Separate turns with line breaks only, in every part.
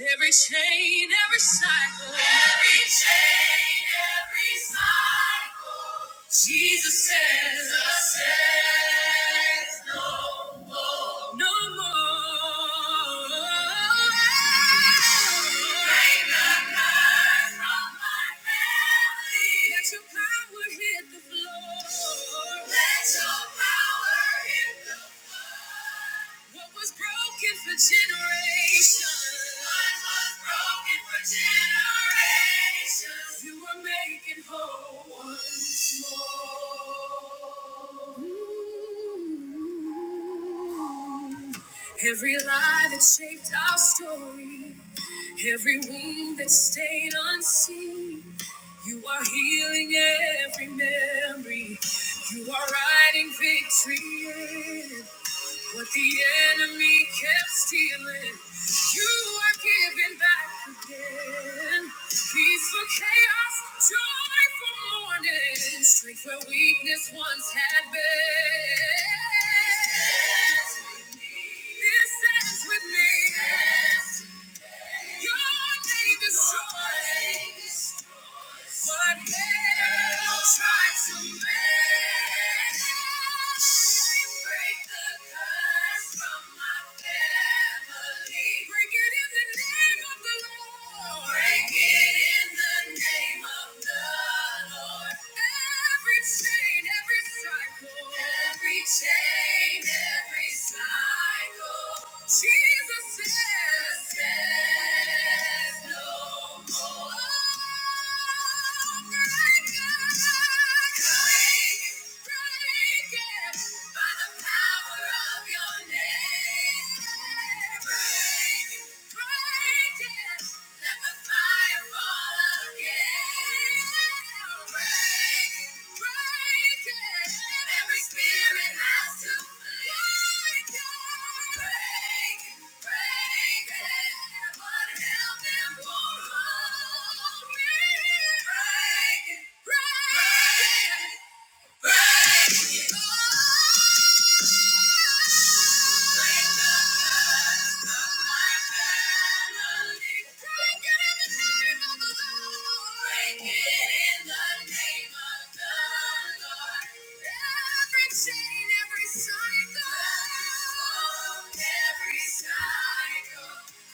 Every chain, every cycle. Every chain, every cycle. Jesus says, Jesus says no more. No more. Break the curse from my family. Let your power hit the floor. Let your power hit the floor. What was broken for generations? What was broken for generations? You were making whole once more. Ooh. Every lie that shaped our story, every wound that stayed unseen. You are healing every memory. You are writing victory. in what the enemy kept stealing, you are giving back again. Peace for chaos, joy for mourning, strength where weakness once had been. This ends with me. Your name is joy. What hell tried to make? me Break the curse from my family. Break it in the name of the Lord. Break it in the name of the Lord. Every chain, every cycle, every chain. Break it, break it.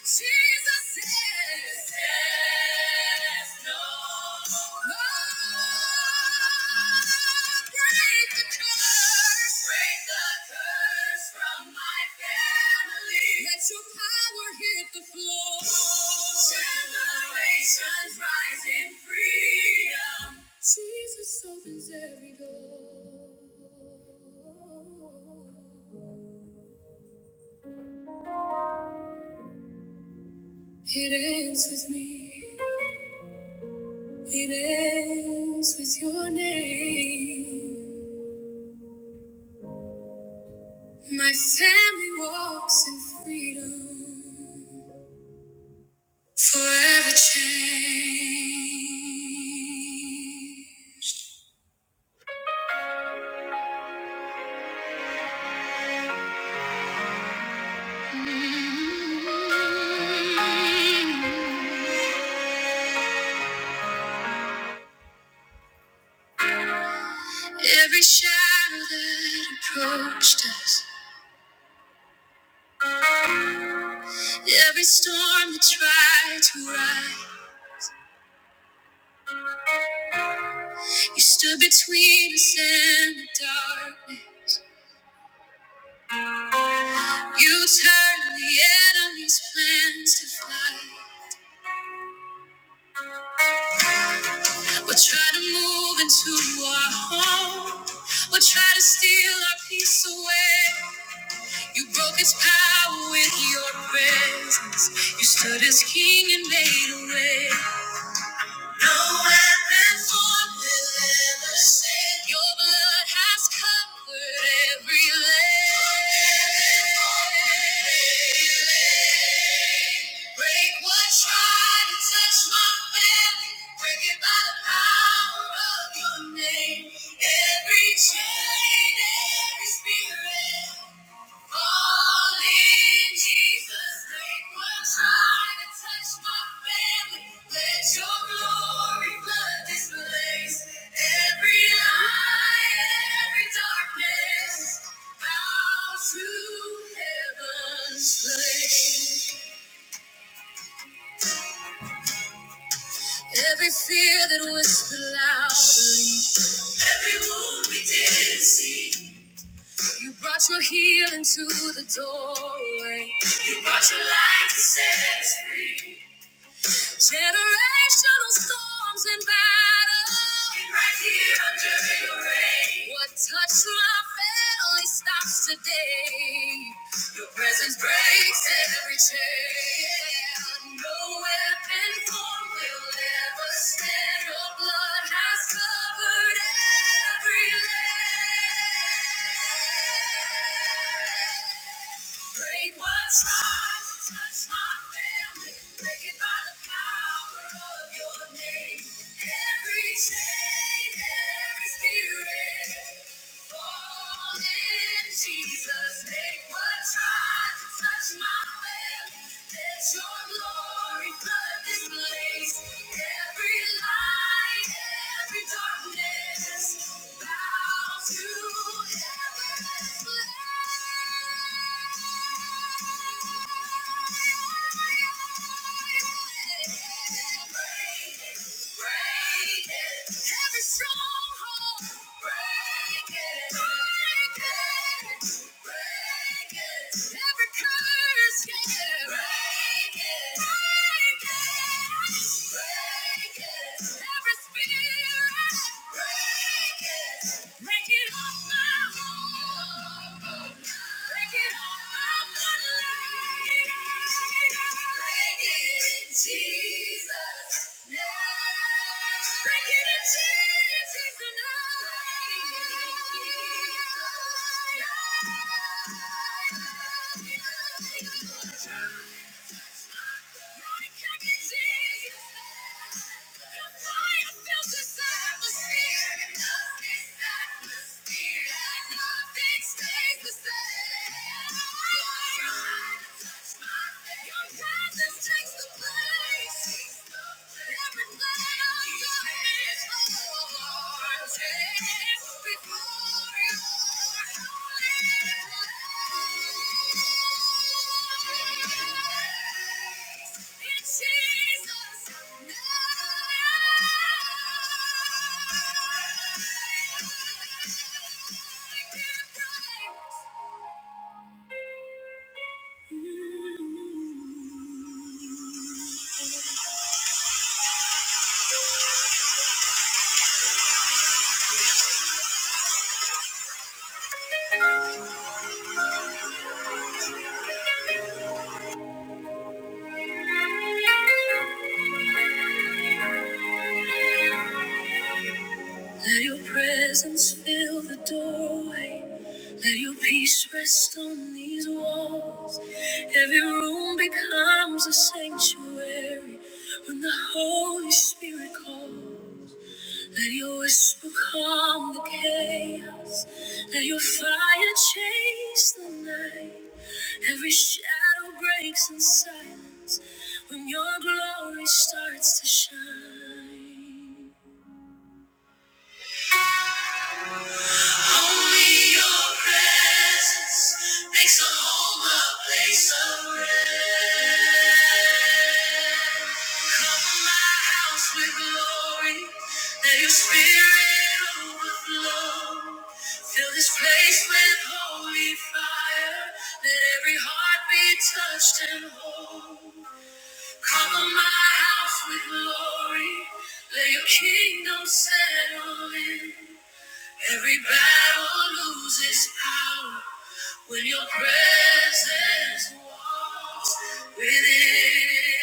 Jesus is, is. Jesus opens every door. It ends with me. It ends with your name. My family walks in freedom, forever changed. Every shadow that approached us, every storm that tried to rise, you stood between us and the darkness. You turned the enemy's plans to flight. We'll try to move into our home. We'll try to steal our peace away. You broke its power with your presence. You stood as king and made a way. No weapon formed will ever stand. Your blood has covered every leg. Break what tried to touch my family. Break it by the power of your name. Every chain, every spirit. Every fear that whispered loudly, every wound we didn't see. You brought your healing to the doorway. You brought your light to set us free. Generational storms and battles. right here under your rain. What touched my family stops today. Your presence breaks every chain. No weapon formed will ever stand. Your blood has covered every land. Break what's right, touch my family. Break it by the power of your name. Every chain, every spirit. Break it, break it. Every stronghold, break it, break it, break it. Every curse, yeah, break it, break it, break it. Every spirit, break it, break it off my home, break it off my bloodline, break it, Jesus. Breaking the chains tonight. I'm running out of time. I'm running out of time. Jesus. Ooh. Let your presence fill the doorway. Let your peace rest on these walls. Every room becomes a sanctuary when the Holy Spirit calls. Let your whisper calm the chaos. Let your fire chase the night. Every shadow breaks in silence when your glory starts to shine. Only your presence makes a home a place of rest. Cover my house with glory. Let your spirit overflow. Fill this place with holy fire. Let every heart be touched and whole. Cover my house with glory. Let your kingdom settle in. Every battle loses power. When your presence walks within,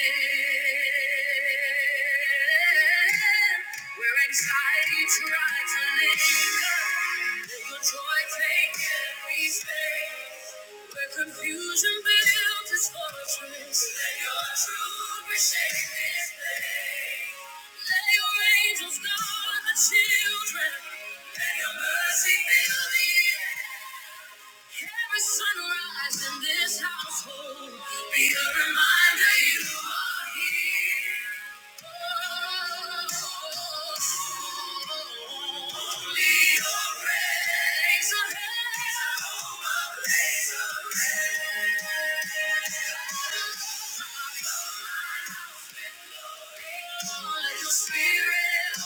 where anxiety tries to linger, let your joy take every space. Where confusion builds its fortress, let your truth reshape this place. Let your angels guard the children. Let your mercy fill the air. Every sunrise in this household, be a reminder you are here. Only your rays of heaven, oh, my rays of heaven. Let your spirit Power.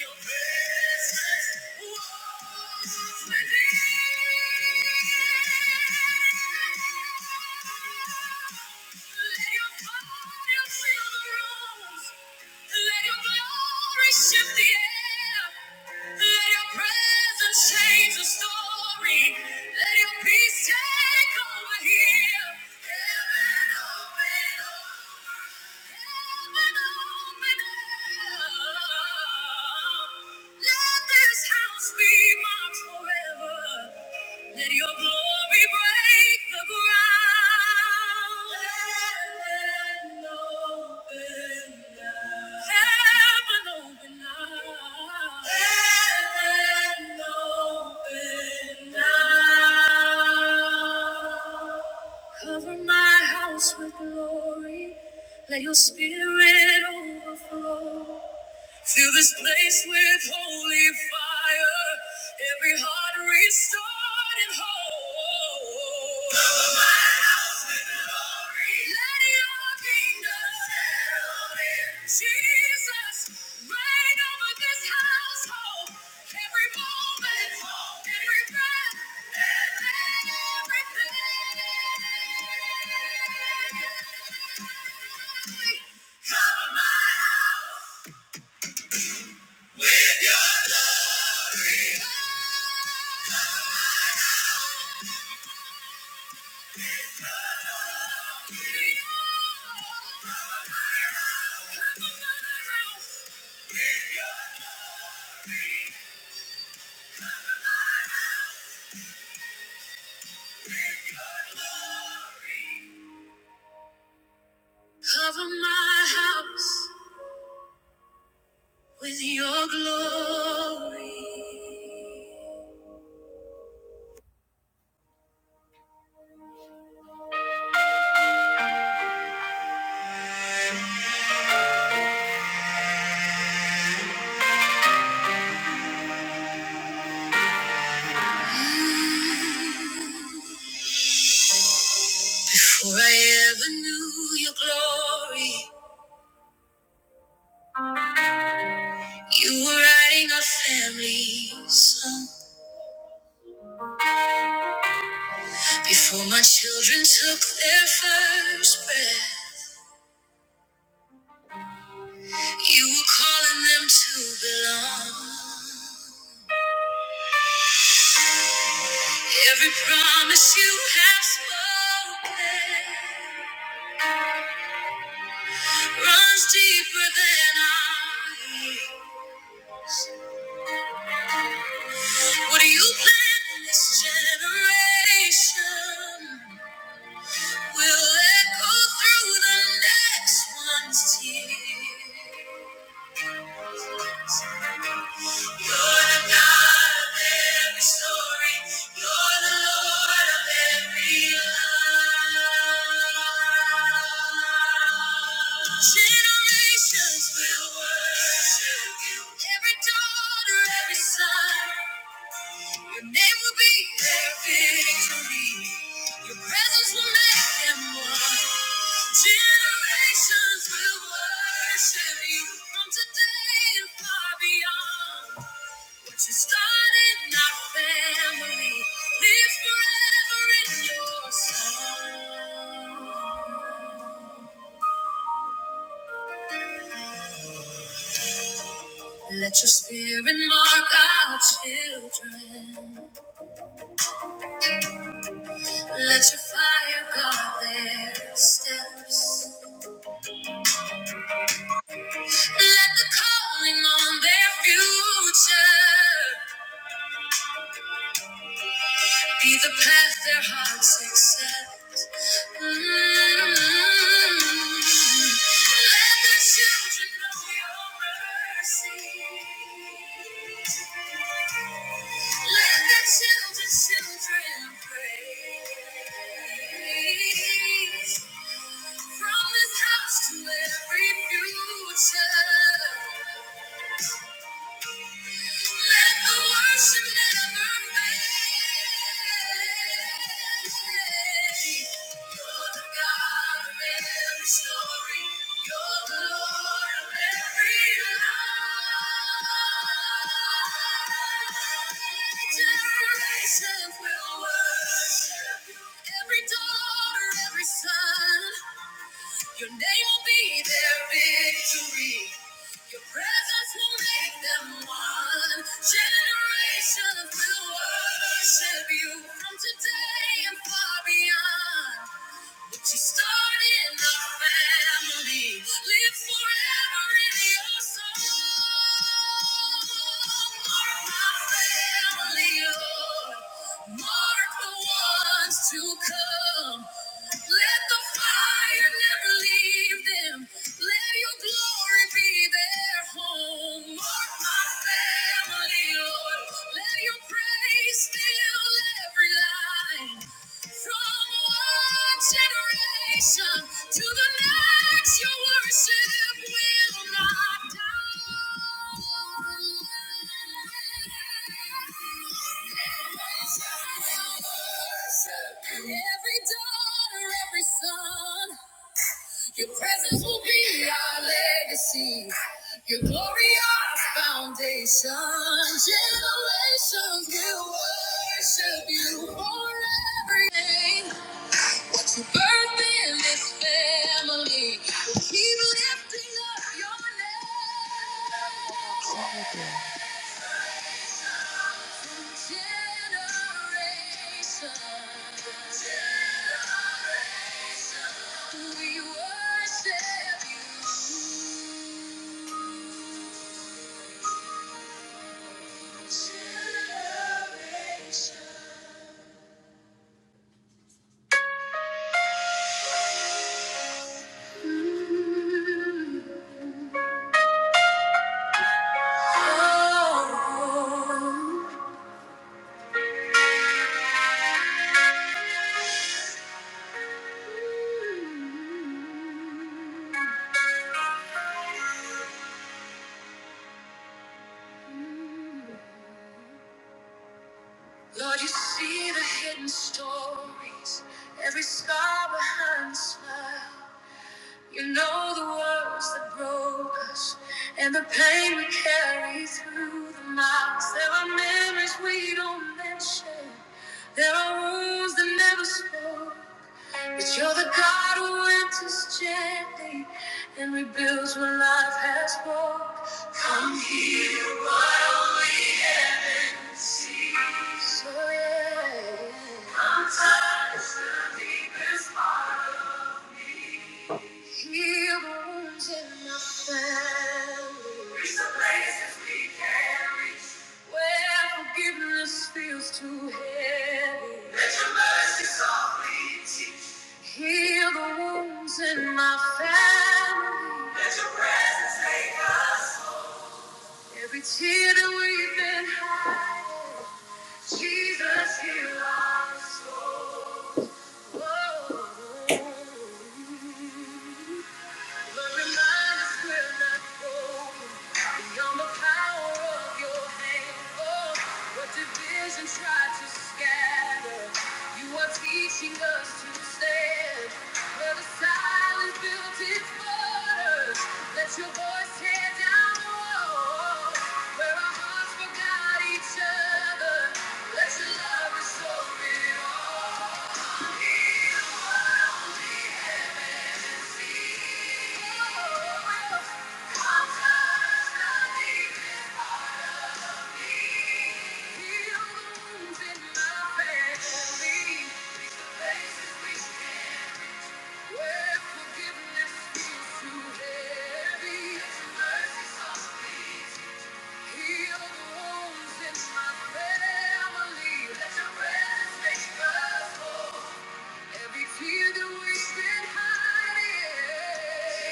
Your presence walks within. Heaven open, open, let this house be marked forever. Let your glory break the ground. Heaven open now. Heaven open now. Heaven open now. Cover my house with glory. Let your spirit overflow. Fill this place with holy fire. Every heart restored and whole. Fill my house with glory. Let your kingdom settle in. Jesus, reign over this household. Every moment, every breath, and everything. Cover my house. Cover my house with your glory. For I ever knew your glory. You were writing a family song before my children took their first breath. You were calling them to belong. Every promise you have spoken runs deeper than I. hear. What do you plan for this generation will echo through the next one's tears. You're the God of every story. You're the Lord of every lie. Generations will worship you. Every daughter, every son. Your name will be their victory. Your presence will make them one. Generations will worship you from today and far beyond. What you started in our family lives forever in your song. Let your spirit mark our children. Let your fire guard their steps. Let the calling on their future be the path their hearts accept. Mm. Let the children know your mercy. Let the children, children praise. From this house to every future. Let the worship never fade. You're the God of every story. You're the Lord of every lie. Generations will worship. You. Every daughter, every son. Your name will be their victory. Your presence will make them one. Generations will worship you from today and far beyond. What you started in the family live forever in your soul. Mark my family, Lord. Mark the ones to come. Let the fire never leave them. Let your glory be their home. Mark my family, Lord. Let your praise fill every line. From one generation to the next, your worship will not die. And every daughter, every son, your presence will be our legacy. Your glory, our foundation. Generations will worship you for everything to birth in this family. Keep lifting up your name.
How do I?
From Generation. to Generation. We worship you. Generation. Oh. Lord, you see the hidden stories, every scar behind the smile. You know the words that broke us and the pain we carry through the miles. There are memories we don't mention, there are wounds that never spoke. But you're the God who enters gently and rebuilds what life has broke. Come heal my only Heal wounds in my family. Reach the places we carry. Where forgiveness feels too heavy. Let your mercy softly teach. Heal the wounds in my family. Let your presence take us home. Every tear that we've been hiding. Jesus, heal us. Teaching us to stand where the silence built its borders. Let your voice tear down the walls where our hearts forgot each other. Let your love restore it all. Heal the wounds in my family. Let your presence make us whole. Every tear that we've been hiding,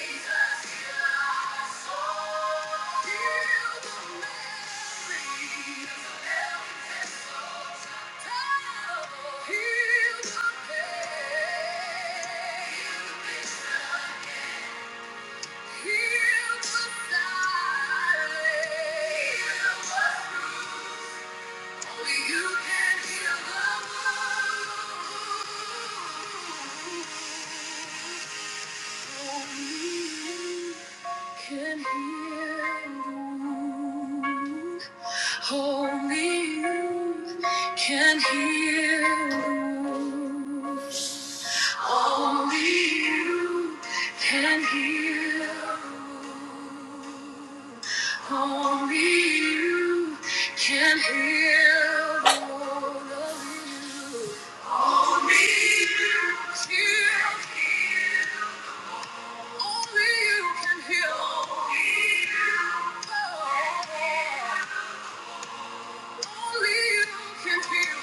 Jesus, heal our soul. Heal the memories of every time. Heal the pain. Heal the silence. Heal what's bruised. Only you can heal the wound. Only you can heal the Only you can heal the Only you can heal the Only you can heal the wound of you. Only you can heal. Only you can heal. Only you can heal.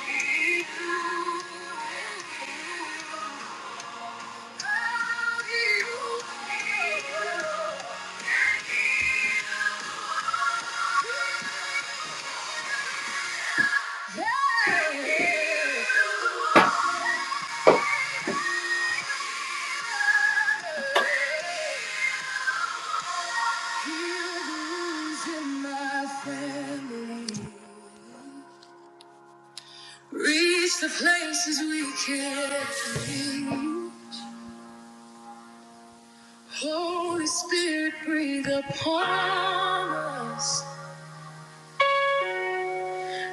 Reach the places we can't reach. Holy Spirit, breathe upon us.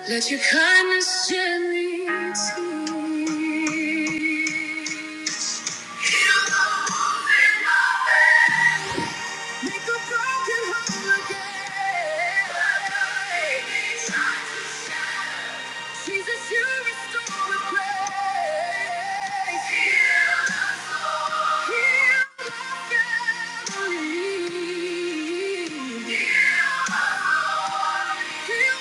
Let your kindness shed me tears. Heal the wounds in my bed. Make the broken whole again. My God, it needs time to. Jesus, you restore the praise. Heal us, Lord. Heal my family. Heal us, Lord. Heal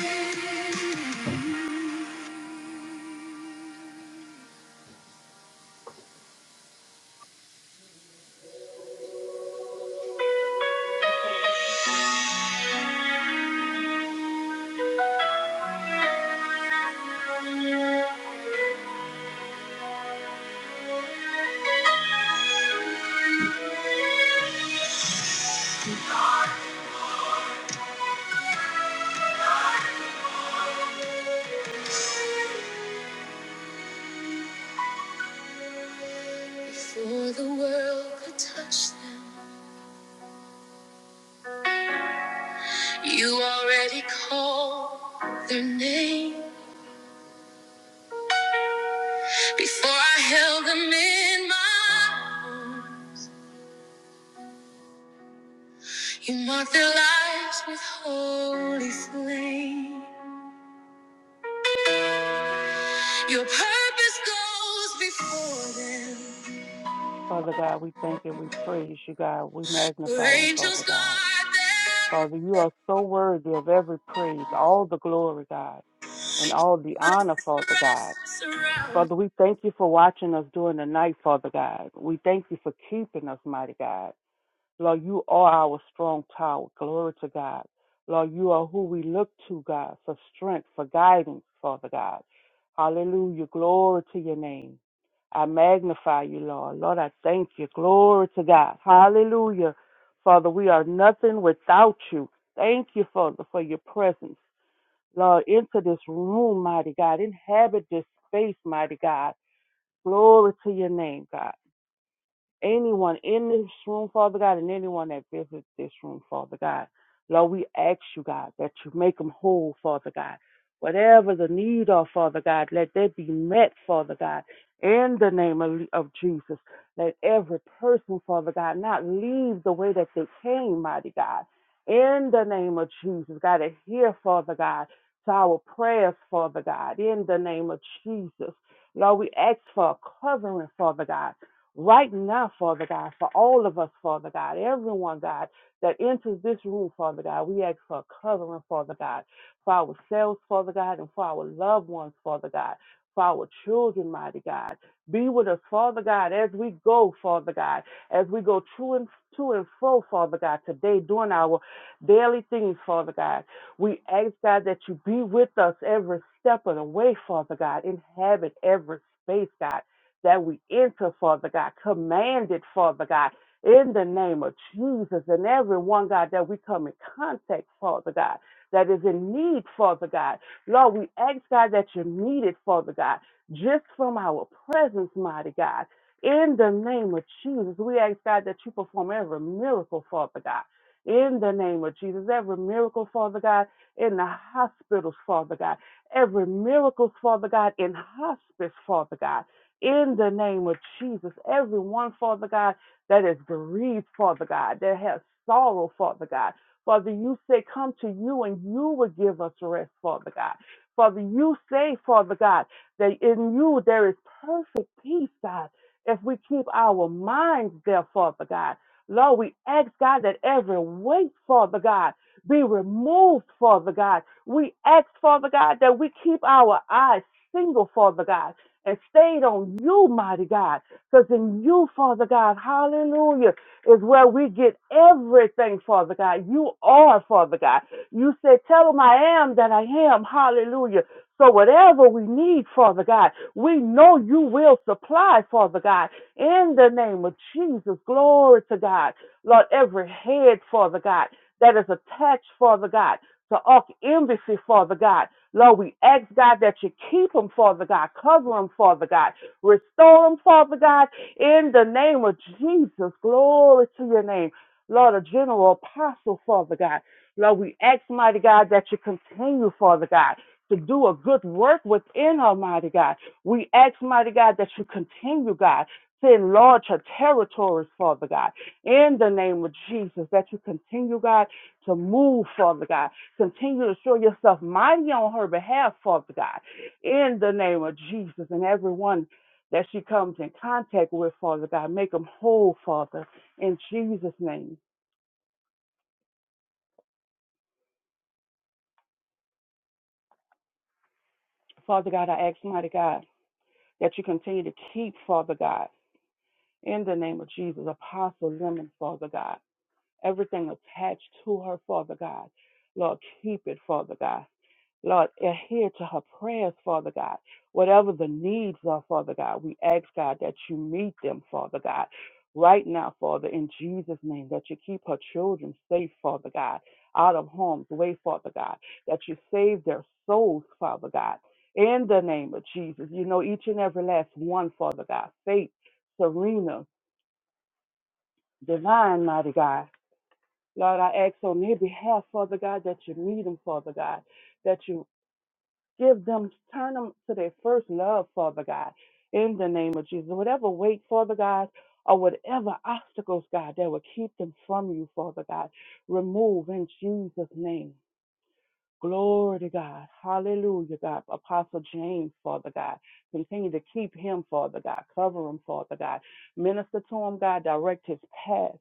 my family. Before the world could touch them, you already called their name. Before I held them in my arms, you marked their lives with holy flame. Your purpose goes before them.
Father God, we thank and we praise you, God. We
Your
magnify you,
angels
Father God.
guard their
Father, you are so worthy of every praise, all the glory, God, and all the honor, Father God.
rest surround
Father, we thank you for watching us during the night, Father God. We thank you for keeping us, mighty God. Lord, you are our strong tower. Glory to God. Lord, you are who we look to, God, for strength, for guidance, Father God. Hallelujah. Glory to your name. I magnify you, Lord. Lord, I thank you. Glory to God. Hallelujah. Father, we are nothing without you. Thank you, Father, for your presence. Lord, enter this room, mighty God. Inhabit this space, mighty God. Glory to your name, God anyone in this room, Father God, and anyone that visits this room, Father God. Lord, we ask you, God, that you make them whole, Father God. Whatever the need of, Father God, let that be met, Father God, in the name of, of Jesus. Let every person, Father God, not leave the way that they came, mighty God. In the name of Jesus, God, adhere, Father God, to our prayers, Father God, in the name of Jesus. Lord, we ask for a covering, Father God right now, Father God, for all of us, Father God, everyone, God, that enters this room, Father God. We ask for a covering, Father God, for ourselves, Father God, and for our loved ones, Father God, for our children, mighty God. Be with us, Father God, as we go, Father God, as we go to and to and fro, Father God, today doing our daily things, Father God. We ask, God, that you be with us every step of the way, Father God. Inhabit every space, God that we enter, Father God, commanded, Father God, in the name of Jesus and everyone, God, that we come in contact, Father God, that is in need, Father God. Lord, we ask, God, that you need it, Father God, just from our presence, mighty God. In the name of Jesus, we ask, God, that you perform every miracle, Father God. In the name of Jesus, every miracle, Father God, in the hospitals, Father God, every miracle, Father God, in hospice, Father God in the name of Jesus. Everyone, Father God, that is bereaved, Father God, that has sorrow, Father God. Father, you say, Come to you and you will give us rest, Father God. Father, you say, Father God, that in you there is perfect peace, God, if we keep our minds there, Father God. Lord, we ask, God, that every weight, Father God, be removed, Father God. We ask, Father God, that we keep our eyes single, Father God and stayed on you, mighty God. Because in you, Father God, hallelujah, is where we get everything, Father God. You are, Father God. You said, Tell them I am that I am, hallelujah. So whatever we need, Father God, we know you will supply, Father God, in the name of Jesus. Glory to God. Lord, every head, Father God, that is attached, Father God, to arch embassy, Father God. Lord, we ask, God, that you keep them, Father God. Cover them, Father God. Restore them, Father God, in the name of Jesus. Glory to your name. Lord, a general apostle, Father God. Lord, we ask, mighty God, that you continue, Father God, to do a good work within her, mighty God. We ask, mighty God, that you continue, God, to enlarge her territories, Father God. In the name of Jesus, that you continue, God, to move, Father God Continue to show yourself mighty on her behalf, Father God, in the name of Jesus and everyone that she comes in contact with, Father God. Make them whole, Father, in Jesus' name. Father God, I ask, mighty God, that you continue to keep, Father God, in the name of Jesus, Apostle Lemon, Father God, everything attached to her, Father God. Lord, keep it, Father God. Lord, adhere to her prayers, Father God. Whatever the needs are, Father God, we ask, God, that you meet them, Father God. Right now, Father, in Jesus' name, that you keep her children safe, Father God, out of harm's way, Father God, that you save their souls, Father God, in the name of Jesus. You know each and every last one, Father God. Faith, Serena, Divine, Mighty God. Lord, I ask on their behalf, Father God, that you meet them, Father God, that you Give them, turn them to their first love, Father God, in the name of Jesus. Whatever weight, Father God, or whatever obstacles, God, that will keep them from you, Father God, remove in Jesus' name. Glory to God. Hallelujah, God. Apostle James, Father God. Continue to keep him, Father God. Cover him, Father God. Minister to him, God. Direct his path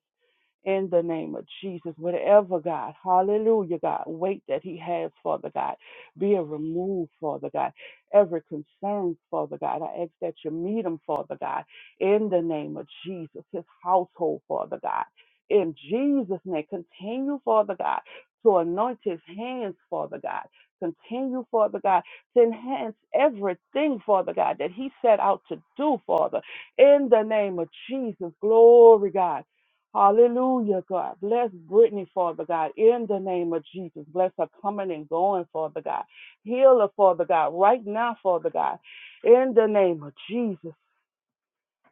in the name of Jesus. Whatever, God, hallelujah, God, weight that he has, Father God, be it removed, Father God. Every concern, Father God, I ask that you meet him, Father God, in the name of Jesus, his household, Father God. In Jesus' name, continue, Father God, to anoint his hands, Father God. Continue, Father God, to enhance everything, Father God, that he set out to do, Father. In the name of Jesus, glory, God. Hallelujah, God. Bless Brittany, Father God, in the name of Jesus. Bless her coming and going, Father God. Heal her, Father God, right now, Father God, in the name of Jesus.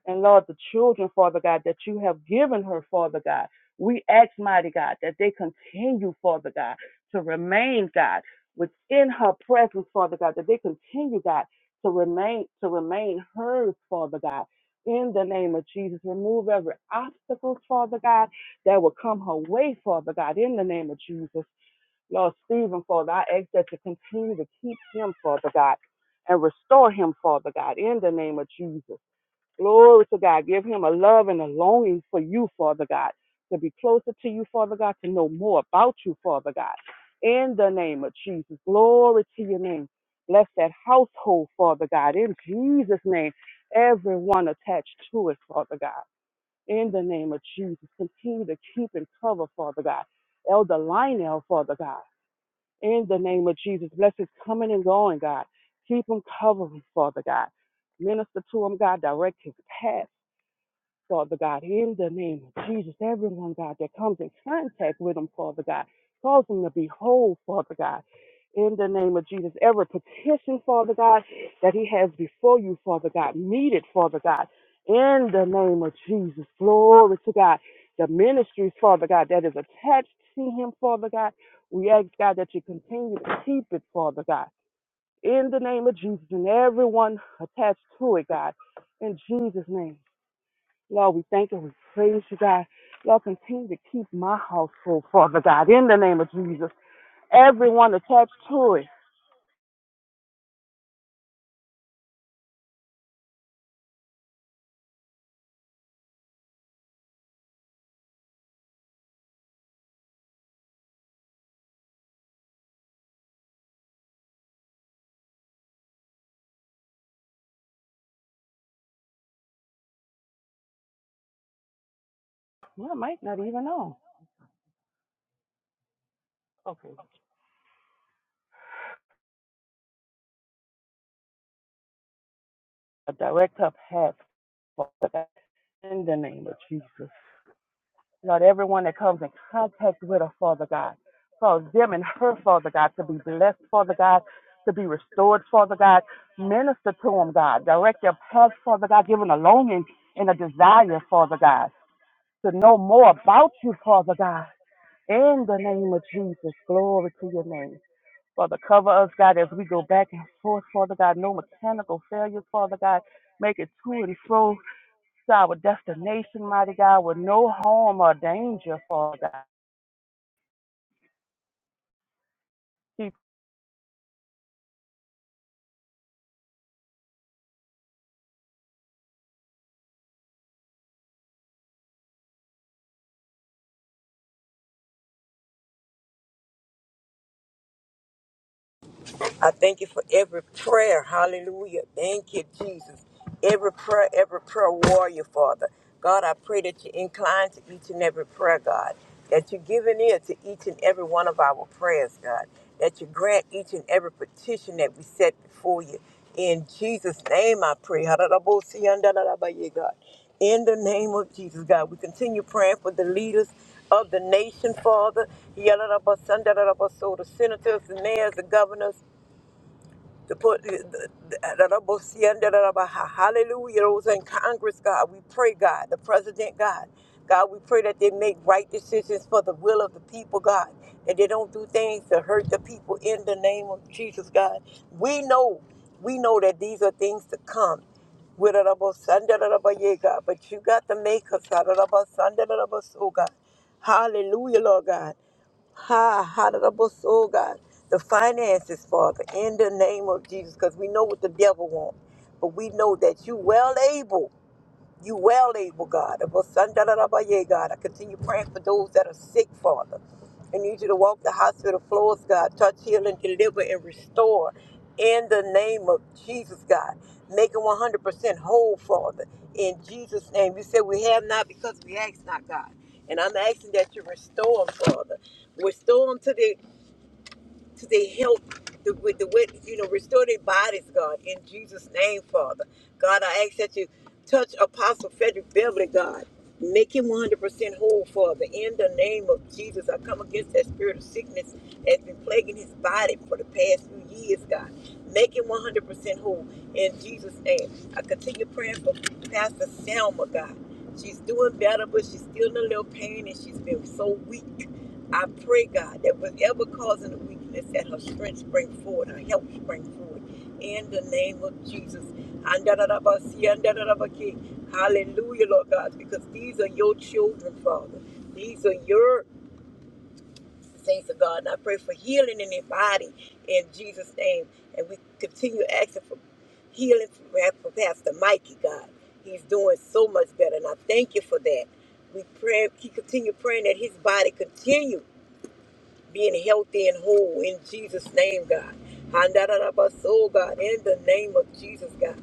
And Lord, the children, Father God, that you have given her, Father God, we ask, mighty God, that they continue, Father God, to remain, God, within her presence, Father God, that they continue, God, to remain, to remain hers, Father God. In the name of Jesus, remove every obstacle, Father God, that will come her way, Father God, in the name of Jesus. Lord Stephen, Father, I ask that you continue to keep him, Father God, and restore him, Father God, in the name of Jesus. Glory to God. Give him a love and a longing for you, Father God, to be closer to you, Father God, to know more about you, Father God. In the name of Jesus. Glory to your name. Bless that household, Father God. In Jesus' name, everyone attached to it, Father God. In the name of Jesus. Continue to keep and cover, Father God. Elder Lionel, Father God. In the name of Jesus. Bless his coming and going, God. Keep him covered, Father God. Minister to him, God. Direct his path Father God, in the name of Jesus, everyone, God, that comes in contact with them, Father God, cause them to be whole, Father God. In the name of Jesus, every petition, Father God, that he has before you, Father God, meet it, Father God. In the name of Jesus, glory to God. The ministries, Father God, that is attached to him, Father God, we ask, God, that you continue to keep it, Father God. In the name of Jesus, and everyone attached to it, God. In Jesus' name. Lord, we thank you. We praise you, God. Lord, continue to keep my household, Father God, in the name of Jesus. Everyone attached to it. Well, I might not even know. Okay. A direct up path, Father God, in the name of Jesus. Lord, everyone that comes in contact with her, Father God, cause them and her, Father God, to be blessed, Father God, to be restored, Father God. Minister to them, God. Direct their path, Father God. Give them a longing and a desire, Father God. to know more about you, Father God. In the name of Jesus, glory to your name. Father, cover us, God, as we go back and forth, Father God. No mechanical failures, Father God. Make it to and fro to our destination, mighty God, with no harm or danger, Father God. Keep
I thank you for every prayer. Hallelujah. Thank you, Jesus. Every prayer, every prayer warrior, Father. God, I pray that you incline to each and every prayer, God. That you give an ear to each and every one of our prayers, God. That you grant each and every petition that we set before you. In Jesus' name I pray. Ha-da-da-bo-si-yan-da-da-da-ba-ye, God. In the name of Jesus, God, we continue praying for the leaders of the nation, Father. Ya-da-da-ba-sun-da-da-da-ba-so, The senators, the mayors, the governors, to put hallelujah those in congress god we pray god the president god god we pray that they make right decisions for the will of the people god that they don't do things to hurt the people in the name of jesus god we know we know that these are things to come with a double son, da, da, da, ba, yeah, God, but you got to make us out of the sun, da, da, da, ba, so God. Hallelujah, Lord God. Ha, ha, da, da, bo, so, God. The finances, Father, in the name of Jesus, because we know what the devil wants, but we know that you well able. You well able, God. Abasandarabaye, God. I continue praying for those that are sick, Father. I need you to walk the hospital floors, God. Touch, heal, and deliver and restore in the name of Jesus, God. Make them 100% whole, Father. In Jesus' name. You said we have not because we ask not, God. And I'm asking that you restore them, Father. Restore them to the because they help the, with the wet, you know, restore their bodies, God, in Jesus' name, Father. God, I ask that you touch Apostle Frederick Beverly, God. Make him 100% whole, Father. In the name of Jesus, I come against that spirit of sickness that's been plaguing his body for the past few years, God. Make him 100% whole in Jesus' name. I continue praying for Pastor Selma, God. She's doing better, but she's still in a little pain and she's been so weak. I pray, God, that whatever causing the weakness, that her strength spring forward, her help spring forward. In the name of Jesus. Hallelujah, Lord God, because these are your children, Father. These are your saints of God. And I pray for healing in their body in Jesus' name. And we continue asking for healing for for Pastor Mikey, God. He's doing so much better, and I thank you for that. We pray, keep continue praying that his body continue being healthy and whole in Jesus' name, God. Handarabasol, God, in the name of Jesus, God.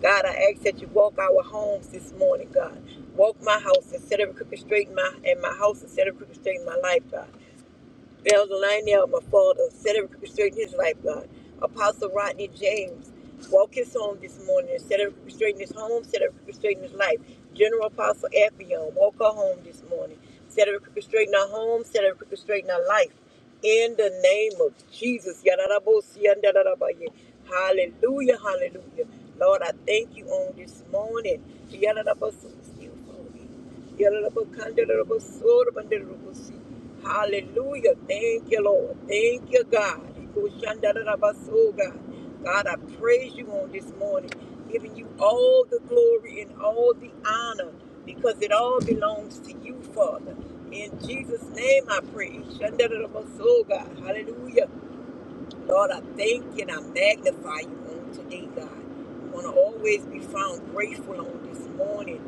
God, I ask that you walk our homes this morning, God. Walk my house and set every crooked straight in my and my house and set every crooked straight in my life, God. Elder Lionel Mafalda, set up restraining his life, God. Apostle Rodney James, walk his home this morning, set up restraining his home, set up restraining his life. General Apostle Ephion, walk her home this morning, set up restraining her home, set up restraining her life. In the name of Jesus. Yadadabosi, yadadadabaye. Hallelujah, hallelujah. Lord, I thank you on this morning. Yadadabosi, excuse me. Hallelujah. Thank you, Lord. Thank you, God. God, I praise you on this morning, giving you all the glory and all the honor because it all belongs to you, Father. In Jesus' name I pray. Shandarabaso, God. Hallelujah. Lord, I thank you and I magnify you on today, God. I want to always be found grateful on this morning.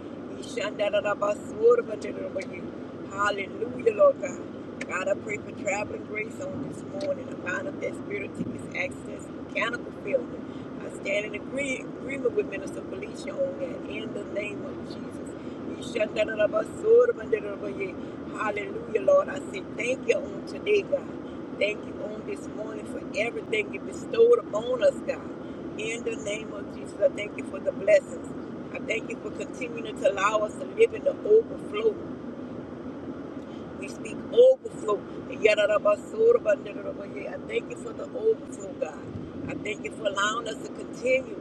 Hallelujah, Lord God. God, I pray for traveling grace on this morning. I bind up that spirit of tickets, access, mechanical failure. I stand in agree- agreement with Minister Felicia on that in the name of Jesus. Hallelujah, Lord. I say thank you on today, God. Thank you on this morning for everything you bestowed upon us, God. In the name of Jesus, I thank you for the blessings. I thank you for continuing to allow us to live in the overflow. We speak overflow. Yadadabasodabanadadabaye. I thank you for the overflow, God. I thank you for allowing us to continue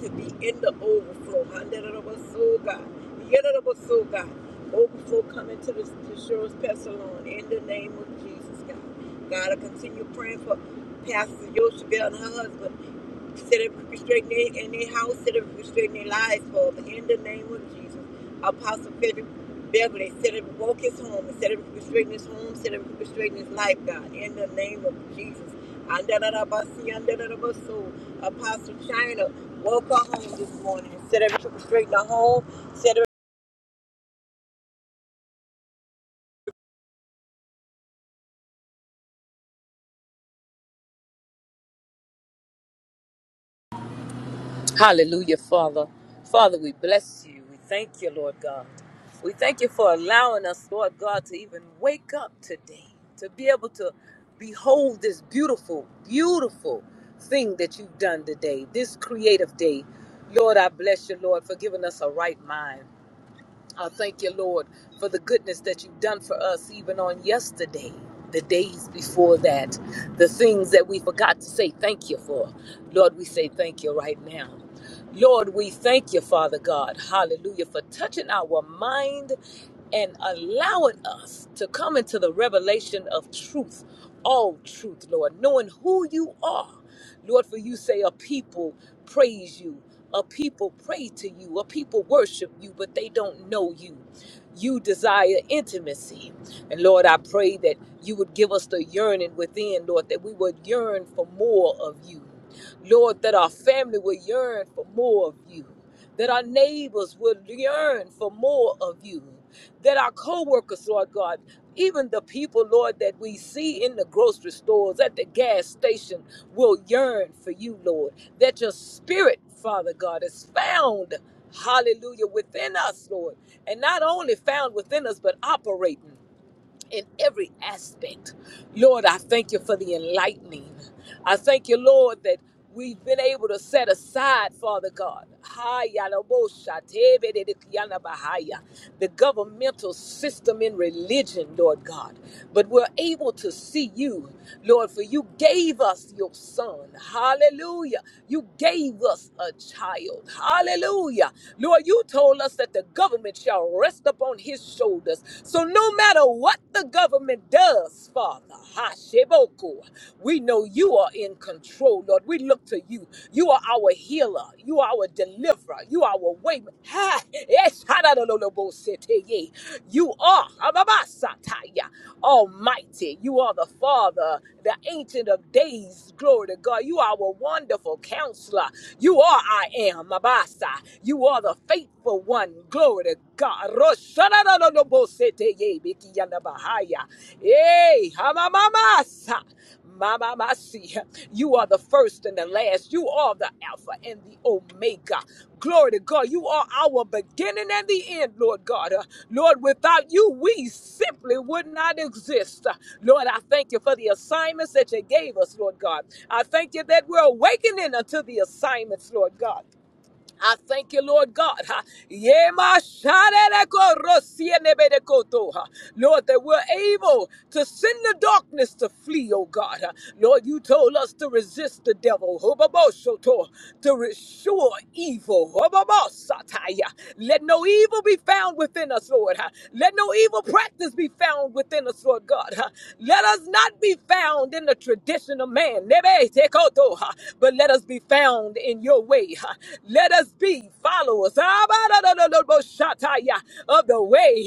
to be in the overflow. Handadabaso, God. God. Overflow coming to the to Cheryl's Pastor in the name of Jesus, God. God, I continue praying for Pastor Yoshibel and her husband. Instead of restricting their, in their house, instead of restricting their lives, Father, in the name of Jesus. Apostle Frederick Beverly, instead of walk his home, instead of restricting his home, instead of restricting his life, God, in the name of Jesus. Andalabasi, andalabaso. Apostle China, walk her home this morning. Instead of restricting her home, instead of
Hallelujah, Father. Father, we bless you. We thank you, Lord God. We thank you for allowing us, Lord God, to even wake up today, to be able to behold this beautiful, beautiful thing that you've done today, this creative day. Lord, I bless you, Lord, for giving us a right mind. I thank you, Lord, for the goodness that you've done for us even on yesterday, the days before that, the things that we forgot to say thank you for. Lord, we say thank you right now. Lord, we thank you, Father God, hallelujah, for touching our mind and allowing us to come into the revelation of truth, all truth, Lord, knowing who you are. Lord, for you say a people praise you, a people pray to you, a people worship you, but they don't know you. You desire intimacy. And Lord, I pray that you would give us the yearning within, Lord, that we would yearn for more of you. Lord, that our family would yearn for more of you, that our neighbors would yearn for more of you that our co-workers, Lord God, even the people, Lord, that we see in the grocery stores, at the gas station, will yearn for you, Lord. That your spirit, Father God, is found, hallelujah, within us, Lord. And not only found within us, but operating in every aspect. Lord, I thank you for the enlightening. I thank you, Lord, that we've been able to set aside, Father God, the governmental system in religion, Lord God. But we're able to see you, Lord, for you gave us your son. Hallelujah. You gave us a child. Hallelujah. Lord, you told us that the government shall rest upon his shoulders. So no matter what the government woman does, Father. Hashiboko. We know you are in control, Lord. We look to you. You are our healer. You are our deliverer. You are our way. Ha! Yes, hadadololobosete. You are Ababasataya, Almighty. You are the Father, the Ancient of Days. Glory to God. You are our wonderful counselor. You are I am Abasa. You are the faithful one. Glory to God. Roshana na na no bo ye biki yana bahaya. Hey, hamamamasa. Mama Masi, you are the first and the last. You are the Alpha and the Omega. Glory to God. You are our beginning and the end, Lord God. Uh, Lord, without you, we simply would not exist. Uh, Lord, I thank you for the assignments that you gave us, Lord God. I thank you that we're awakening unto the assignments, Lord God. I thank you, Lord God. ha. Yema sharereko rosienebedekoto, ha. Lord, that we're able to send the darkness to flee, oh God. ha. Lord, you told us to resist the devil, hobaboshoto, to restore evil. hobabosataya. Let no evil be found within us within us, Lord. huh? Let no evil practice be found within us, Lord God. huh? Let us not be found in the tradition of man, huh? but let us be found in your way. huh? Let us be followers of the way.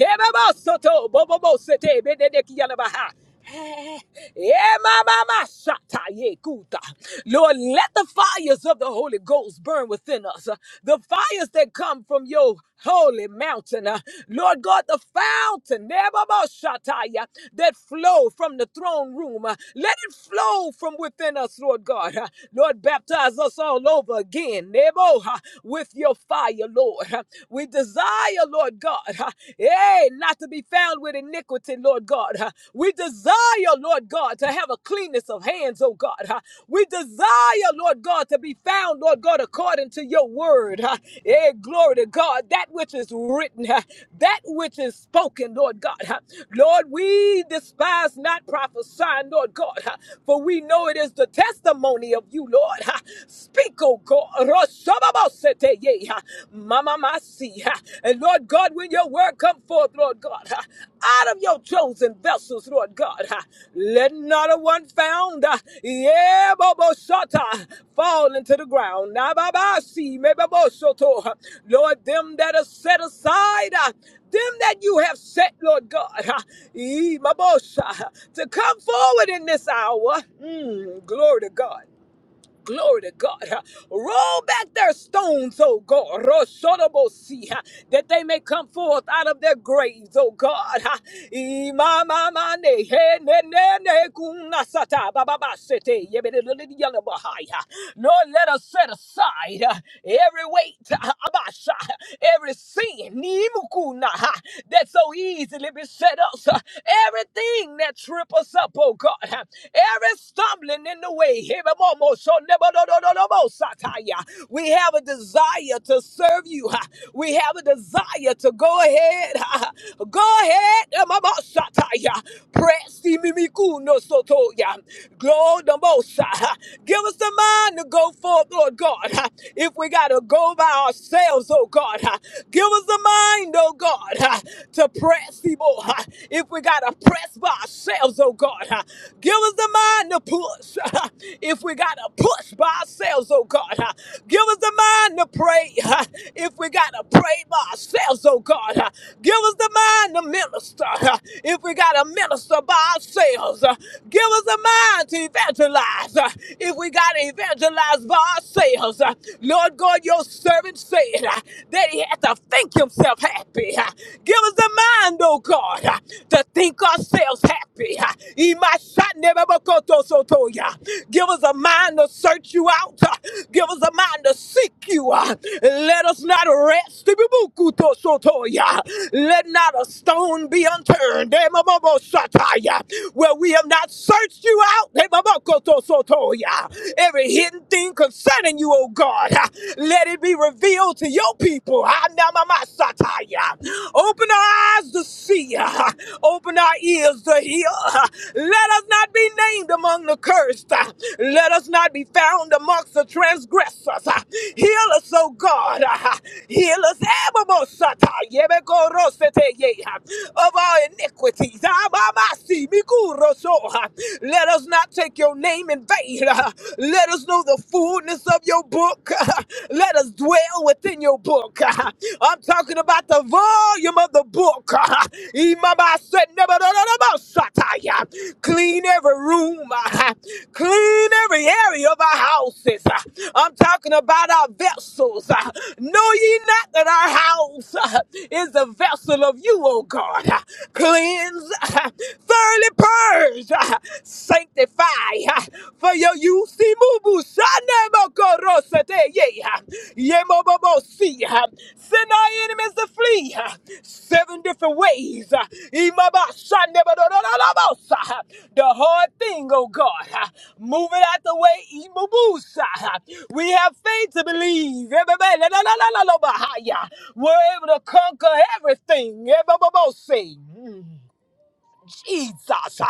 Yeah, my, my, my, shata, yeah, kuta. Lord, let the fires of the Holy Ghost burn within us. uh, The fires that come from your holy mountain. uh, Lord God, the fountain, never more, shata, yeah, that flow from the throne room. uh, Let it flow from within us, Lord God. uh, Lord, baptize us all over again, Nebo, uh, with your fire, Lord. uh, We desire, Lord God, uh, eh, not to be found with iniquity, Lord God. Uh, We desire, Lord God, to have a cleanness of hands, oh God. Uh, We desire, Lord God, to be found, Lord God, according to your word. Uh, Eh, glory to God. That which is written, uh, that which is spoken, Lord God. Uh, Lord, we despise not prophesying, Lord God, uh, for we know it is the testimony of you, Lord. Uh, Speak, oh God day. ah, Mama Masi. ah. And Lord God, when your word come forth, Lord God, ah, out of your chosen vessels, Lord God, ah, let not a one found, ah, yeah, Bobo Shata, fall into the ground. Ah, Baba Si, me Shoto. Lord, them that are set aside, ah, them that you have set, Lord God, ah, eh, Mabosha, to come forward in this hour. Mm, glory to God. Glory to God. Roll back their stones, oh God. Roshodobosi, That they may come forth out of their graves, oh God. Imamamane, he, ne, ne, ne, kunasata, bababasete, yebededededeyalabahaya. Lord, let us set aside uh, every weight, uh, abasha, every sin, nimukuna, ha, that so easily beset us, uh, everything that trip us up, oh God. Every stumbling in the way. We have a desire to serve you. We have a desire to go ahead. Go ahead. Press. Glow Give us the mind to go forth, Lord God. If we got to go by ourselves, oh God, give us the mind, oh God, to press, If if we got to press by ourselves, oh God, uh, give us the mind to push. if we got to push by ourselves, oh God, uh, give us the mind to pray. if we got to pray by ourselves, oh God, uh, give us the mind to minister. if we got to minister by ourselves, uh, give us the mind to evangelize. uh, if we got to evangelize by ourselves, uh, Lord God, your servant said uh, that he had to think himself. hey, happy. Give us the mind, oh God, to think ourselves happy. Imashanibabakotosotoya. Give us a mind to search you out. Give us a mind to seek you. Let us not rest. Ibibukutosotoya. Let not a stone be unturned. Emabobosataya. Where we have not searched you out. Imabokotosotoya. Every hidden thing concerning you, oh God, let it be be revealed to your people. Hanamamasataya. Open our eyes to see. Open our ears to hear. Let us not be named among the cursed. Let us not be found amongst the transgressors. Heal us, O God. Heal us Ebabosata. Yebekorosete ye. of our iniquities. Abamasi mikuroso. Let us not take your name in vain. Let us know the fullness of your book. Let us dwell within your book. I'm talking about the volume of the book. Imama said, "Nebuchadnezzar, Clean every room, clean every area of our houses. I'm talking about our vessels. Know ye not that our house uh, is the vessel of you, O God? Uh, Cleanse, uh, thoroughly purge. uh, sanctify ha, for your use. Imubu shane mokorose te ye, ha, ye mo mo mo si, ha. Send our enemies to flee ha, seven different ways. ha. Imaba shane mo ha. The hard thing, oh God, ha, move it out the way. Imubu sa, ha. We have faith to believe. Ebe la la la la la lo ba ha ya. We're able to conquer everything. Ebe mo si. Jesus.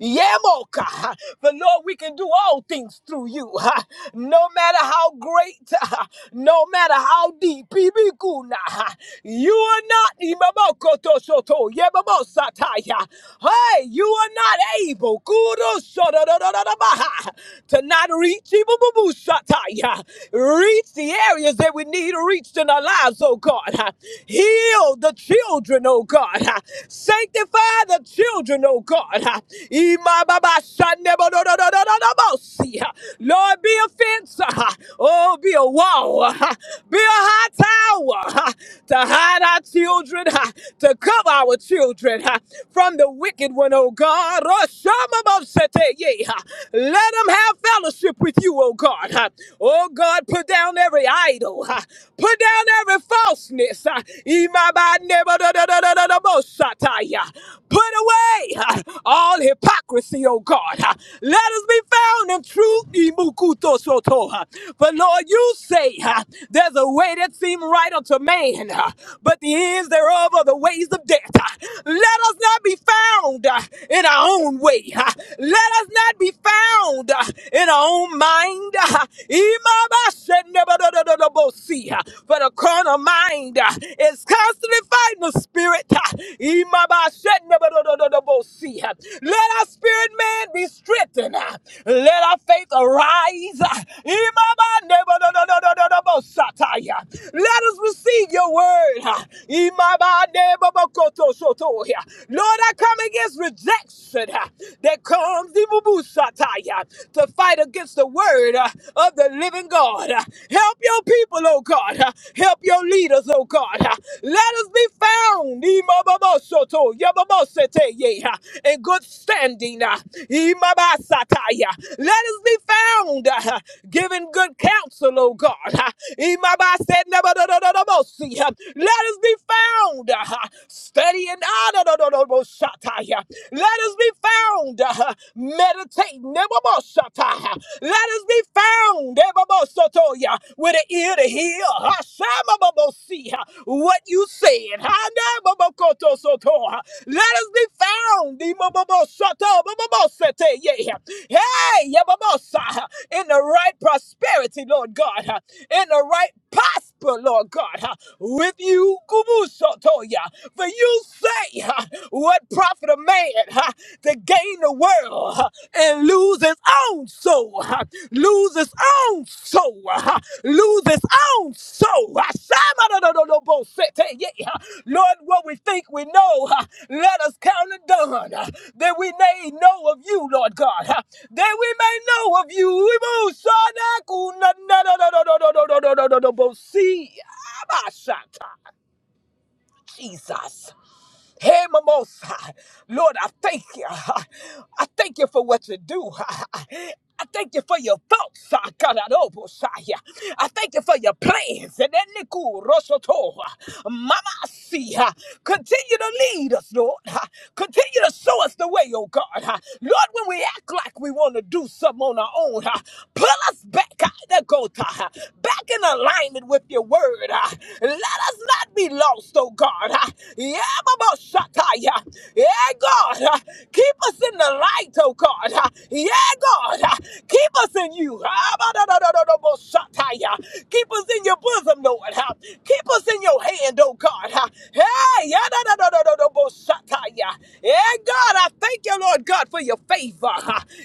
Yemoka. But Lord, we can do all things through you. ha. No matter how great, ha, no matter how deep, Ibikuna. ha, you are not Imamokoto Soto. Yemamosataya. Hey, you are not able Kudo Sodododododaba, to not reach Ibububusataya. Reach the areas that we need reached in our lives, oh God. ha. Heal the children children, oh God. ah. Sanctify the children, oh God. ah. Imababashanebodododododobos, ah. Lord, be a fence. ah. Oh, be a wall. ah. Be a high tower ah, to hide our children, ah, to cover our children ah, from the wicked one, oh God. Roshamabosete, yeah, ah. Let them have fellowship with you, oh God. ah. Oh God, put down every idol. ah. Put down every every falseness. uh, Imabanebadodododododobosatai, uh, Put away uh, all hypocrisy, O God. uh, Let us be found in truth. Imukutosoto, uh, For Lord, you say uh, there's a way that seems right unto man, uh, but the ends thereof are the ways of death. uh, Let us not be found uh, in our own way. uh, Let us not be found uh, in our own mind. uh, but a carnal mind uh, is constantly fighting the spirit. uh, Imabashenebodododobose. Let our spirit man be strengthened. uh, Let our faith arise. uh, Imabanebododododobosataya. Let us receive your word. uh, Imabanebobokotosotoya. Lord, I come against rejection uh, that comes Imubusataya, to to fight against the word uh, of the living God. Uh, Help your people, oh God. Uh, Help your leaders, oh God. Uh, Let us be found Imababasoto, yababaseteye, uh, in good standing. uh, Imabasataya. Let us be found uh, giving good counsel, oh God. Uh, Imabasenabadodododobosi, uh, Let us be found uh, studying. ah, dodododobosi, Shataya. Let us be found. uh, Meditate. Nebabosata. Let us be found. Ebabosotoya. With an ear to hear. Hashamababosi, uh, What you said. Hanababokotosoto, uh, Let us be found. Imababosoto, bababosete, yeah. yeah. Hey, yababosa, uh, in the right prosperity, Lord God. uh, In the right posture prosper, Lord God, huh, with you, Kubusotoya. For you say, huh, What profit a man huh, to gain the world huh, and lose his own soul? huh? Lose his own soul. huh? Lose his own soul. Lord, what we think we know, uh, let us count it done, uh, that we may know of you, Lord God, uh, that we may know of you. We will shanaku na- na- na- na- na- na- na- na- na- na- na- na- bo- see. Abashata. Jesus. Hey, Mimosa. Lord, I thank you. I thank you for what you do. I thank you for your thoughts. ah, Karadobosaya. I thank you for your plans. And then Niku Rosoto. Mama see. ah, Continue to lead us, Lord. ah. Continue to show us the way, oh God. ah. Lord, when we act like we want to do something on our own, ah, pull us back out of the gota, back in alignment with your word. Let us not be lost, oh God. Yeah, Baba Shataya. Yeah, God. Keep us in the light, oh God. Yeah, God. Keep us in you. Ah, da, da, da, da, da, bo, Shataya. Keep us in your bosom, Lord. Keep us in your hand, oh God. Hey, yeah, da, da, da, da, da, da, bo, Shataya. Yeah, God, I thank you, Lord God, for your favor.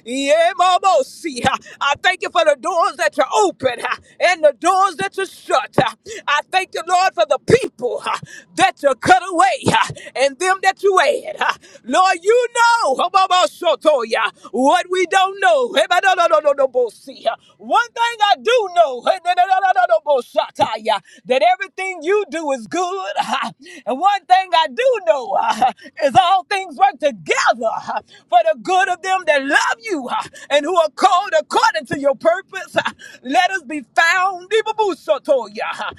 Yeah, Mama, see. I thank you for the doors doors that you open uh, and the doors that you shut. uh. I thank you, Lord, for the people uh, that you cut away uh, and them that you add. uh. Lord, you know Habamashotoya, what we don't know. Hebadadadadadabosi, uh. One thing I do know Hebadadadadadaboshataya, that everything you do is good. uh. And one thing I do know uh, is all things work together uh, for the good of them that love you uh, and who are called according according to your purpose. Let us be found, Ibabusotoya,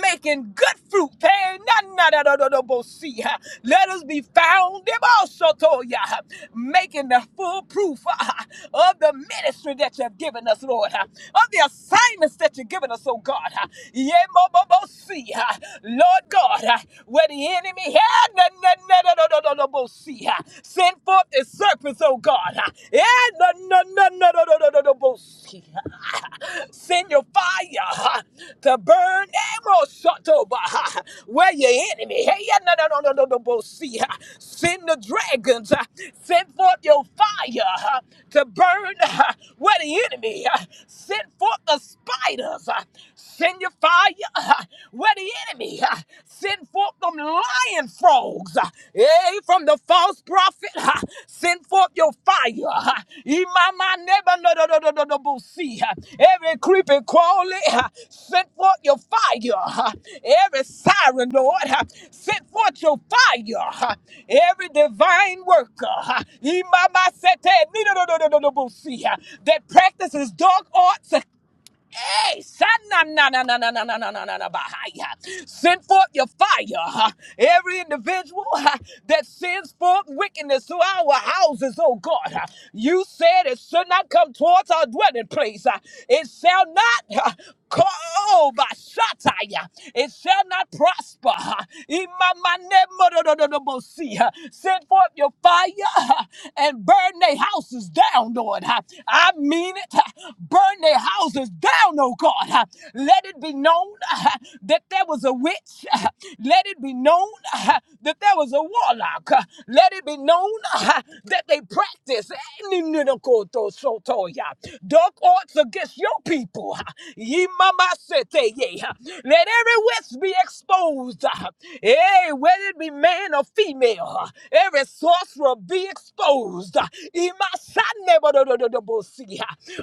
making good fruit. Hey, na- na- na- na- na- na- bo- Let us be found, Ibabusotoya, making the full proof ah, of the ministry that you have given us, Lord, ah, of the assignments that you've given us, oh God. ah. Yeah, mo- mo- mo- see, ah, Lord God, ah, where the enemy had, na- na- na- na- na- na- na- na- ah, Send forth the serpents, oh God. Yeah, no, no, no, no, no, no, no, no, no, Send your fire to burn emerald shotoba where your enemy. Hey, yeah, no, no, no, no, no, no, bo- Send the dragons. Send forth your fire to burn where the enemy. Send forth the spiders. Send your fire where the enemy uh, send forth them lion frogs, uh, eh, from the false prophet. uh, Send forth your fire. uh, Imama neba no no no no no no no, see, uh, Every creepy crawly, uh, send forth your fire. uh, Every siren, Lord, uh, send forth your fire. uh, Every divine worker, uh, Imama sete ni no no no no no no no, see, uh, that practices dark arts. uh, Hey, sananananananananananabahaya. Send forth your fire. huh? Every individual huh, that sends forth wickedness to our houses, oh God. huh, You said it should not come towards our dwelling place. huh. It shall not. huh, Oh, Bashataya, it shall not prosper. Imamanemododododobosi. Send forth your fire and burn their houses down, Lord. I mean it. Burn their houses down, oh God. Let it be known that there was a witch. Let it be known that there was a warlock. Let it be known that they practice Dark arts against your people. Ye mama sete ye. Let every witch be exposed. Hey, whether it be man or female, every sorcerer be exposed. Imasanebododododobosi.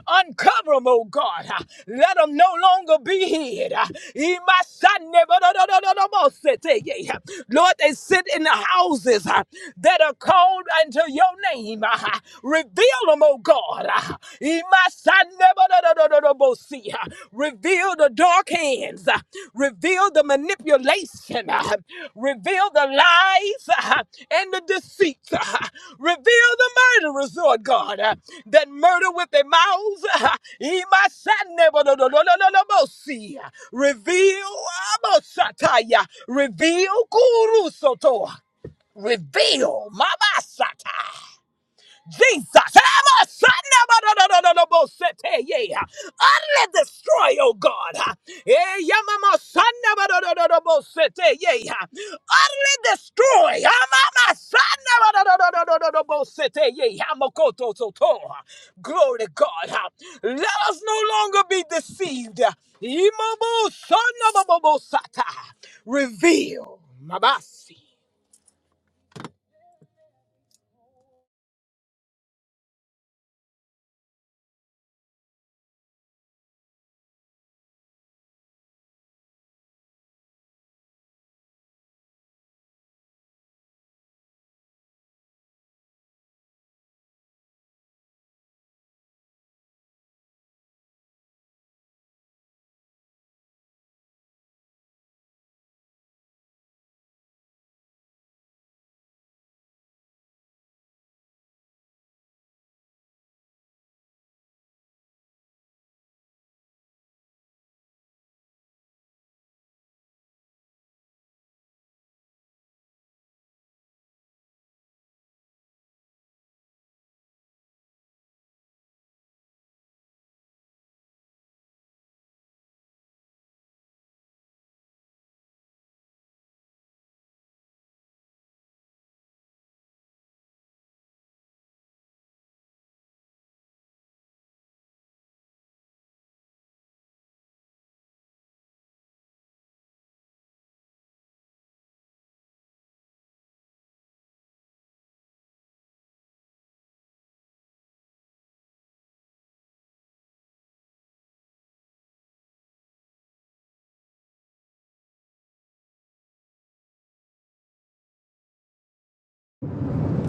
Uncover them, oh God. Let them no longer be hid. Imasanebodododododobosi. Lord, they sit in the houses that are called unto your name name. ah, Reveal them, oh God. ah. Imasanebarabarabosi, ah. Reveal the dark hands. ah. Reveal the manipulation. ah. Reveal the lies ah, and the deceit. ah. Reveal the murderers, Lord God, ah, that murder with their mouths. ah. Imasanebarabarabosi, ah. Reveal, abosataya. reveal, kurusoto. Reveal, mama Jesus. Utterly destroy, oh God. Utterly destroy. Glory to God. Let us no longer be deceived. Reveal. Mabasi.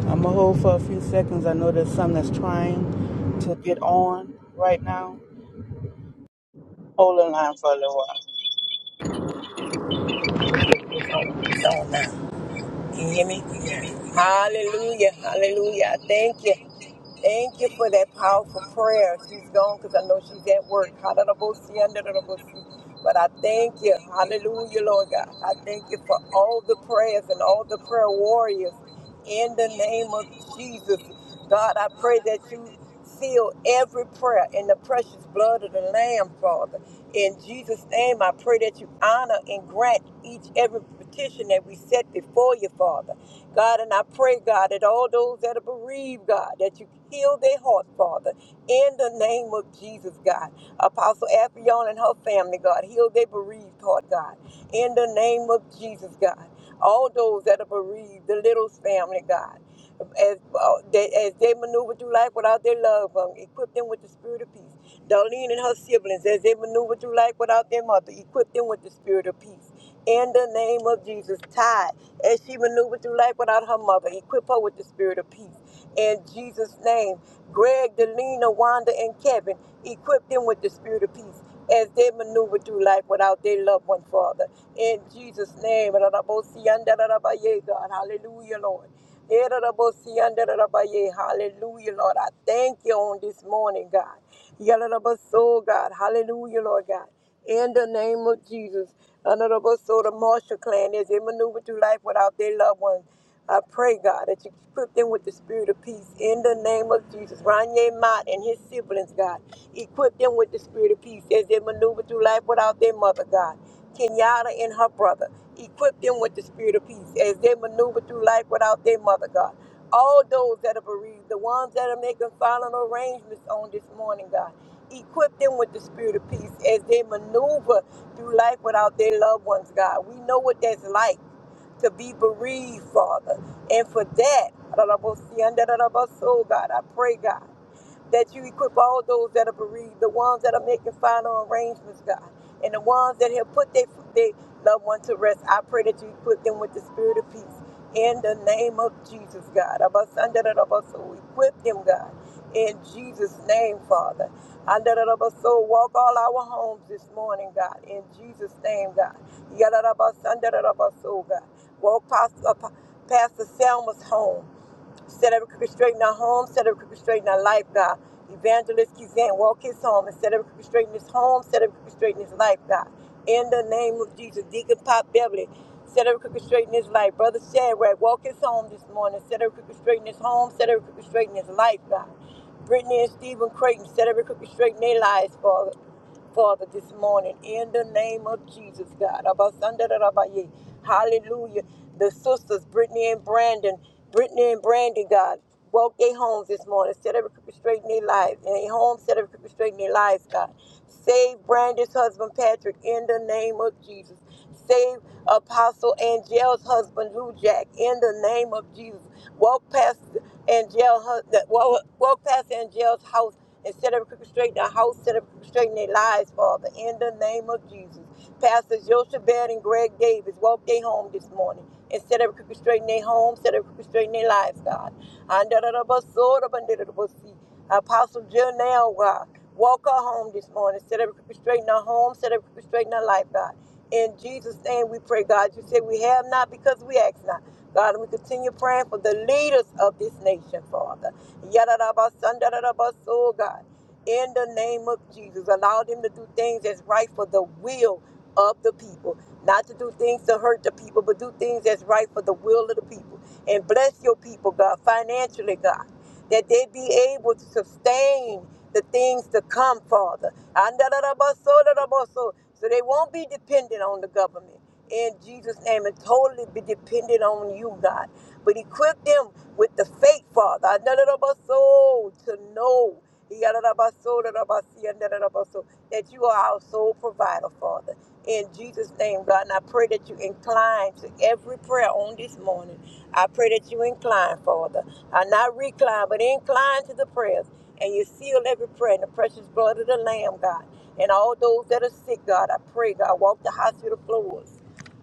I'm going to hold for a few seconds. I know there's some that's trying to get on right now. Hold the line for a little while.
restricting his home, Can you hear me? Hallelujah. Hallelujah. I Thank you. Thank you for that powerful prayer. She's gone because I know she's at work. Hallelujah. But I thank you. Hallelujah, Lord God. I thank you for all the prayers and all the prayer warriors in the name of Jesus. God, I pray that you seal every prayer in the precious blood of the Lamb, Father. In Jesus' name, I pray that you honor and grant each every petition that we set before you, Father. God, and I pray, God, that all those that are bereaved, God, that you heal their heart, Father, in the name of Jesus, God. Apostle Afion and her family, God, heal their bereaved heart, God, in the name of Jesus, God. All those that are bereaved, the Littles family, God as, uh, they, as they maneuver through life without their loved one, equip them with the spirit of peace. Darlene and her siblings, as they maneuver through life without their mother, equip them with the spirit of peace. In the name of Jesus, Ty, as she maneuvered through life without her mother, equip her with the spirit of peace in Jesus' name. Greg, Delina, Wanda, and Kevin, equip them with the spirit of peace as they maneuver through life without their loved one, Father. In Jesus' name. God. Hallelujah, Lord. Eh, Hallelujah, Lord. I thank you on this morning, God. Yalalaba soul, God. Hallelujah, Lord God. In the name of Jesus. Honorable soul, the Marshall clan, as they maneuver through life without their loved ones. I pray, God, that you equip them with the spirit of peace in the name of Jesus. Ranye Mott and his siblings, God. Equip them with the spirit of peace as they maneuver through life without their mother, God. Kenyatta and her brother. Equip them with the spirit of peace as they maneuver through life without their mother, God all those that are bereaved, the ones that are making final arrangements on this morning, God. Equip them with the spirit of peace as they maneuver through life without their loved ones, God. We know what that's like to be bereaved, Father. And for that, so God, I pray, God that you equip all those that are bereaved, the ones that are making final arrangements, God, and the ones that have put their, their loved one to rest. I pray that you equip them with the spirit of peace. In the name of Jesus, God. Abasandarabaso, Equip them, God. In Jesus' name, Father. Andarabaso, Walk all our homes this morning, God. In Jesus' name, God. Yadarabasandarabaso, God. Walk past, uh, past the Selma's home. Set every crooked straight in our home. Set every crooked straight in our life, God. Evangelist Kizan, walk his home and set every crooked straight in his home. Set every crooked straight in his life, God. In the name of Jesus, Deacon Pop Beverly, set every crooked straight in his life. Brother Shadrach, walk his home this morning. Set every crooked straight in his home. Set every crooked straight in his life, God. Brittany and Stephen Creighton, set every crooked straight in their lives, Father. Father, this morning in the name of Jesus, God. Abasandarabaye. Hallelujah. The sisters, Brittany and Brandon, Brittany and Brandy, God, woke their homes this morning, set every crooked straight in their lives, In their homes set every crooked straight in their lives, God. Save Brandy's husband, Patrick, in the name of Jesus. Save Apostle Angel's husband, Lou Jack, in the name of Jesus. Walk past Angel, walk past Angel's house and set up crooked straight in our house, set up crooked straight in their lives, Father, in the name of Jesus. pastors Joseph Baird and Greg Davis walked their home this morning and set up crooked straight in their home, set up crooked straight in their lives, God. Under the bus, sort Apostle Jill now, God. Walk her home this morning. Set up crooked straight in our home, set up crooked straight in our life, God. In Jesus' name we pray, God. You said we have not because we ask not. God, and we continue praying for the leaders of this nation, Father. Yadadabasandaradabasoo, God. In the name of Jesus, allow them to do things that's right for the will of the people, not to do things to hurt the people, but do things that's right for the will of the people. And bless your people, God, financially, God, that they be able to sustain the things to come, Father. Andadadabasodabaso, So they won't be dependent on the government in Jesus' name and totally be dependent on you, God. But equip them with the faith, Father. I know that about soul to know. He got it about soul, that about see, and that about soul, That you are our sole provider, Father. In Jesus' name, God. And I pray that you incline to every prayer on this morning. I pray that you incline, Father. I not recline, but incline to the prayers. And you seal every prayer in the precious blood of the Lamb, God. And all those that are sick, God, I pray, God, walk the hospital floors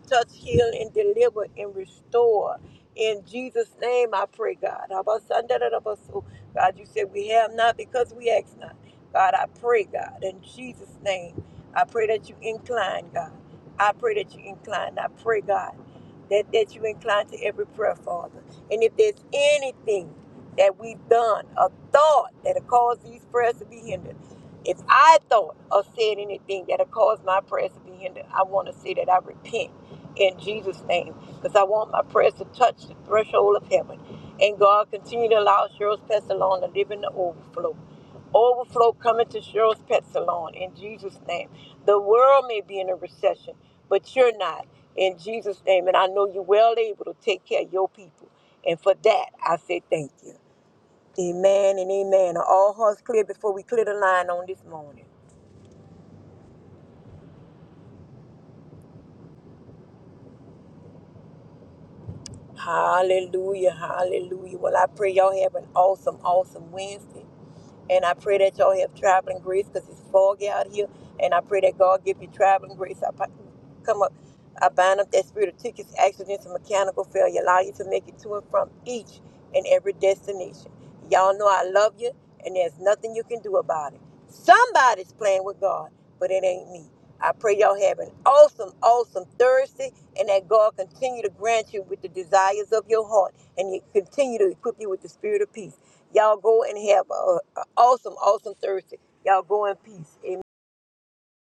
touch, heal, and deliver and restore. In Jesus' name, I pray, God. Abasandarabaso. God, you said we have not because we ask not. God, I pray, God, in Jesus' name, I pray that you incline, God. I pray that you incline. I pray, God, that, that you incline to every prayer, Father. And if there's anything that we've done or thought that'll cause these prayers to be hindered, if I thought or said anything that'll cause my prayers to be hindered, I want to say that I repent in Jesus' name because I want my prayers to touch the threshold of heaven. And God, continue to allow Cheryl's Pet Salon to live in the overflow. Overflow coming to Cheryl's Pet Salon in Jesus' name. The world may be in a recession, but you're not in Jesus' name. And I know you're well able to take care of your people. And for that, I say thank you. Amen and amen. Are all hearts clear before we clear the line on this morning? Hallelujah, hallelujah. Well, I pray y'all have an awesome, awesome Wednesday. And I pray that y'all have traveling grace because it's foggy out here. And I pray that God give you traveling grace. I come up, I bind up that spirit of tickets, accidents, and mechanical failure. Allow you to make it to and from each and every destination. Y'all know I love you, and there's nothing you can do about it. Somebody's playing with God, but it ain't me. I pray y'all have an awesome, awesome Thursday, and that God continue to grant you with the desires of your heart, and He continue to equip you with the spirit of peace. Y'all go and have a, awesome, awesome Thursday. Y'all go in peace. Amen.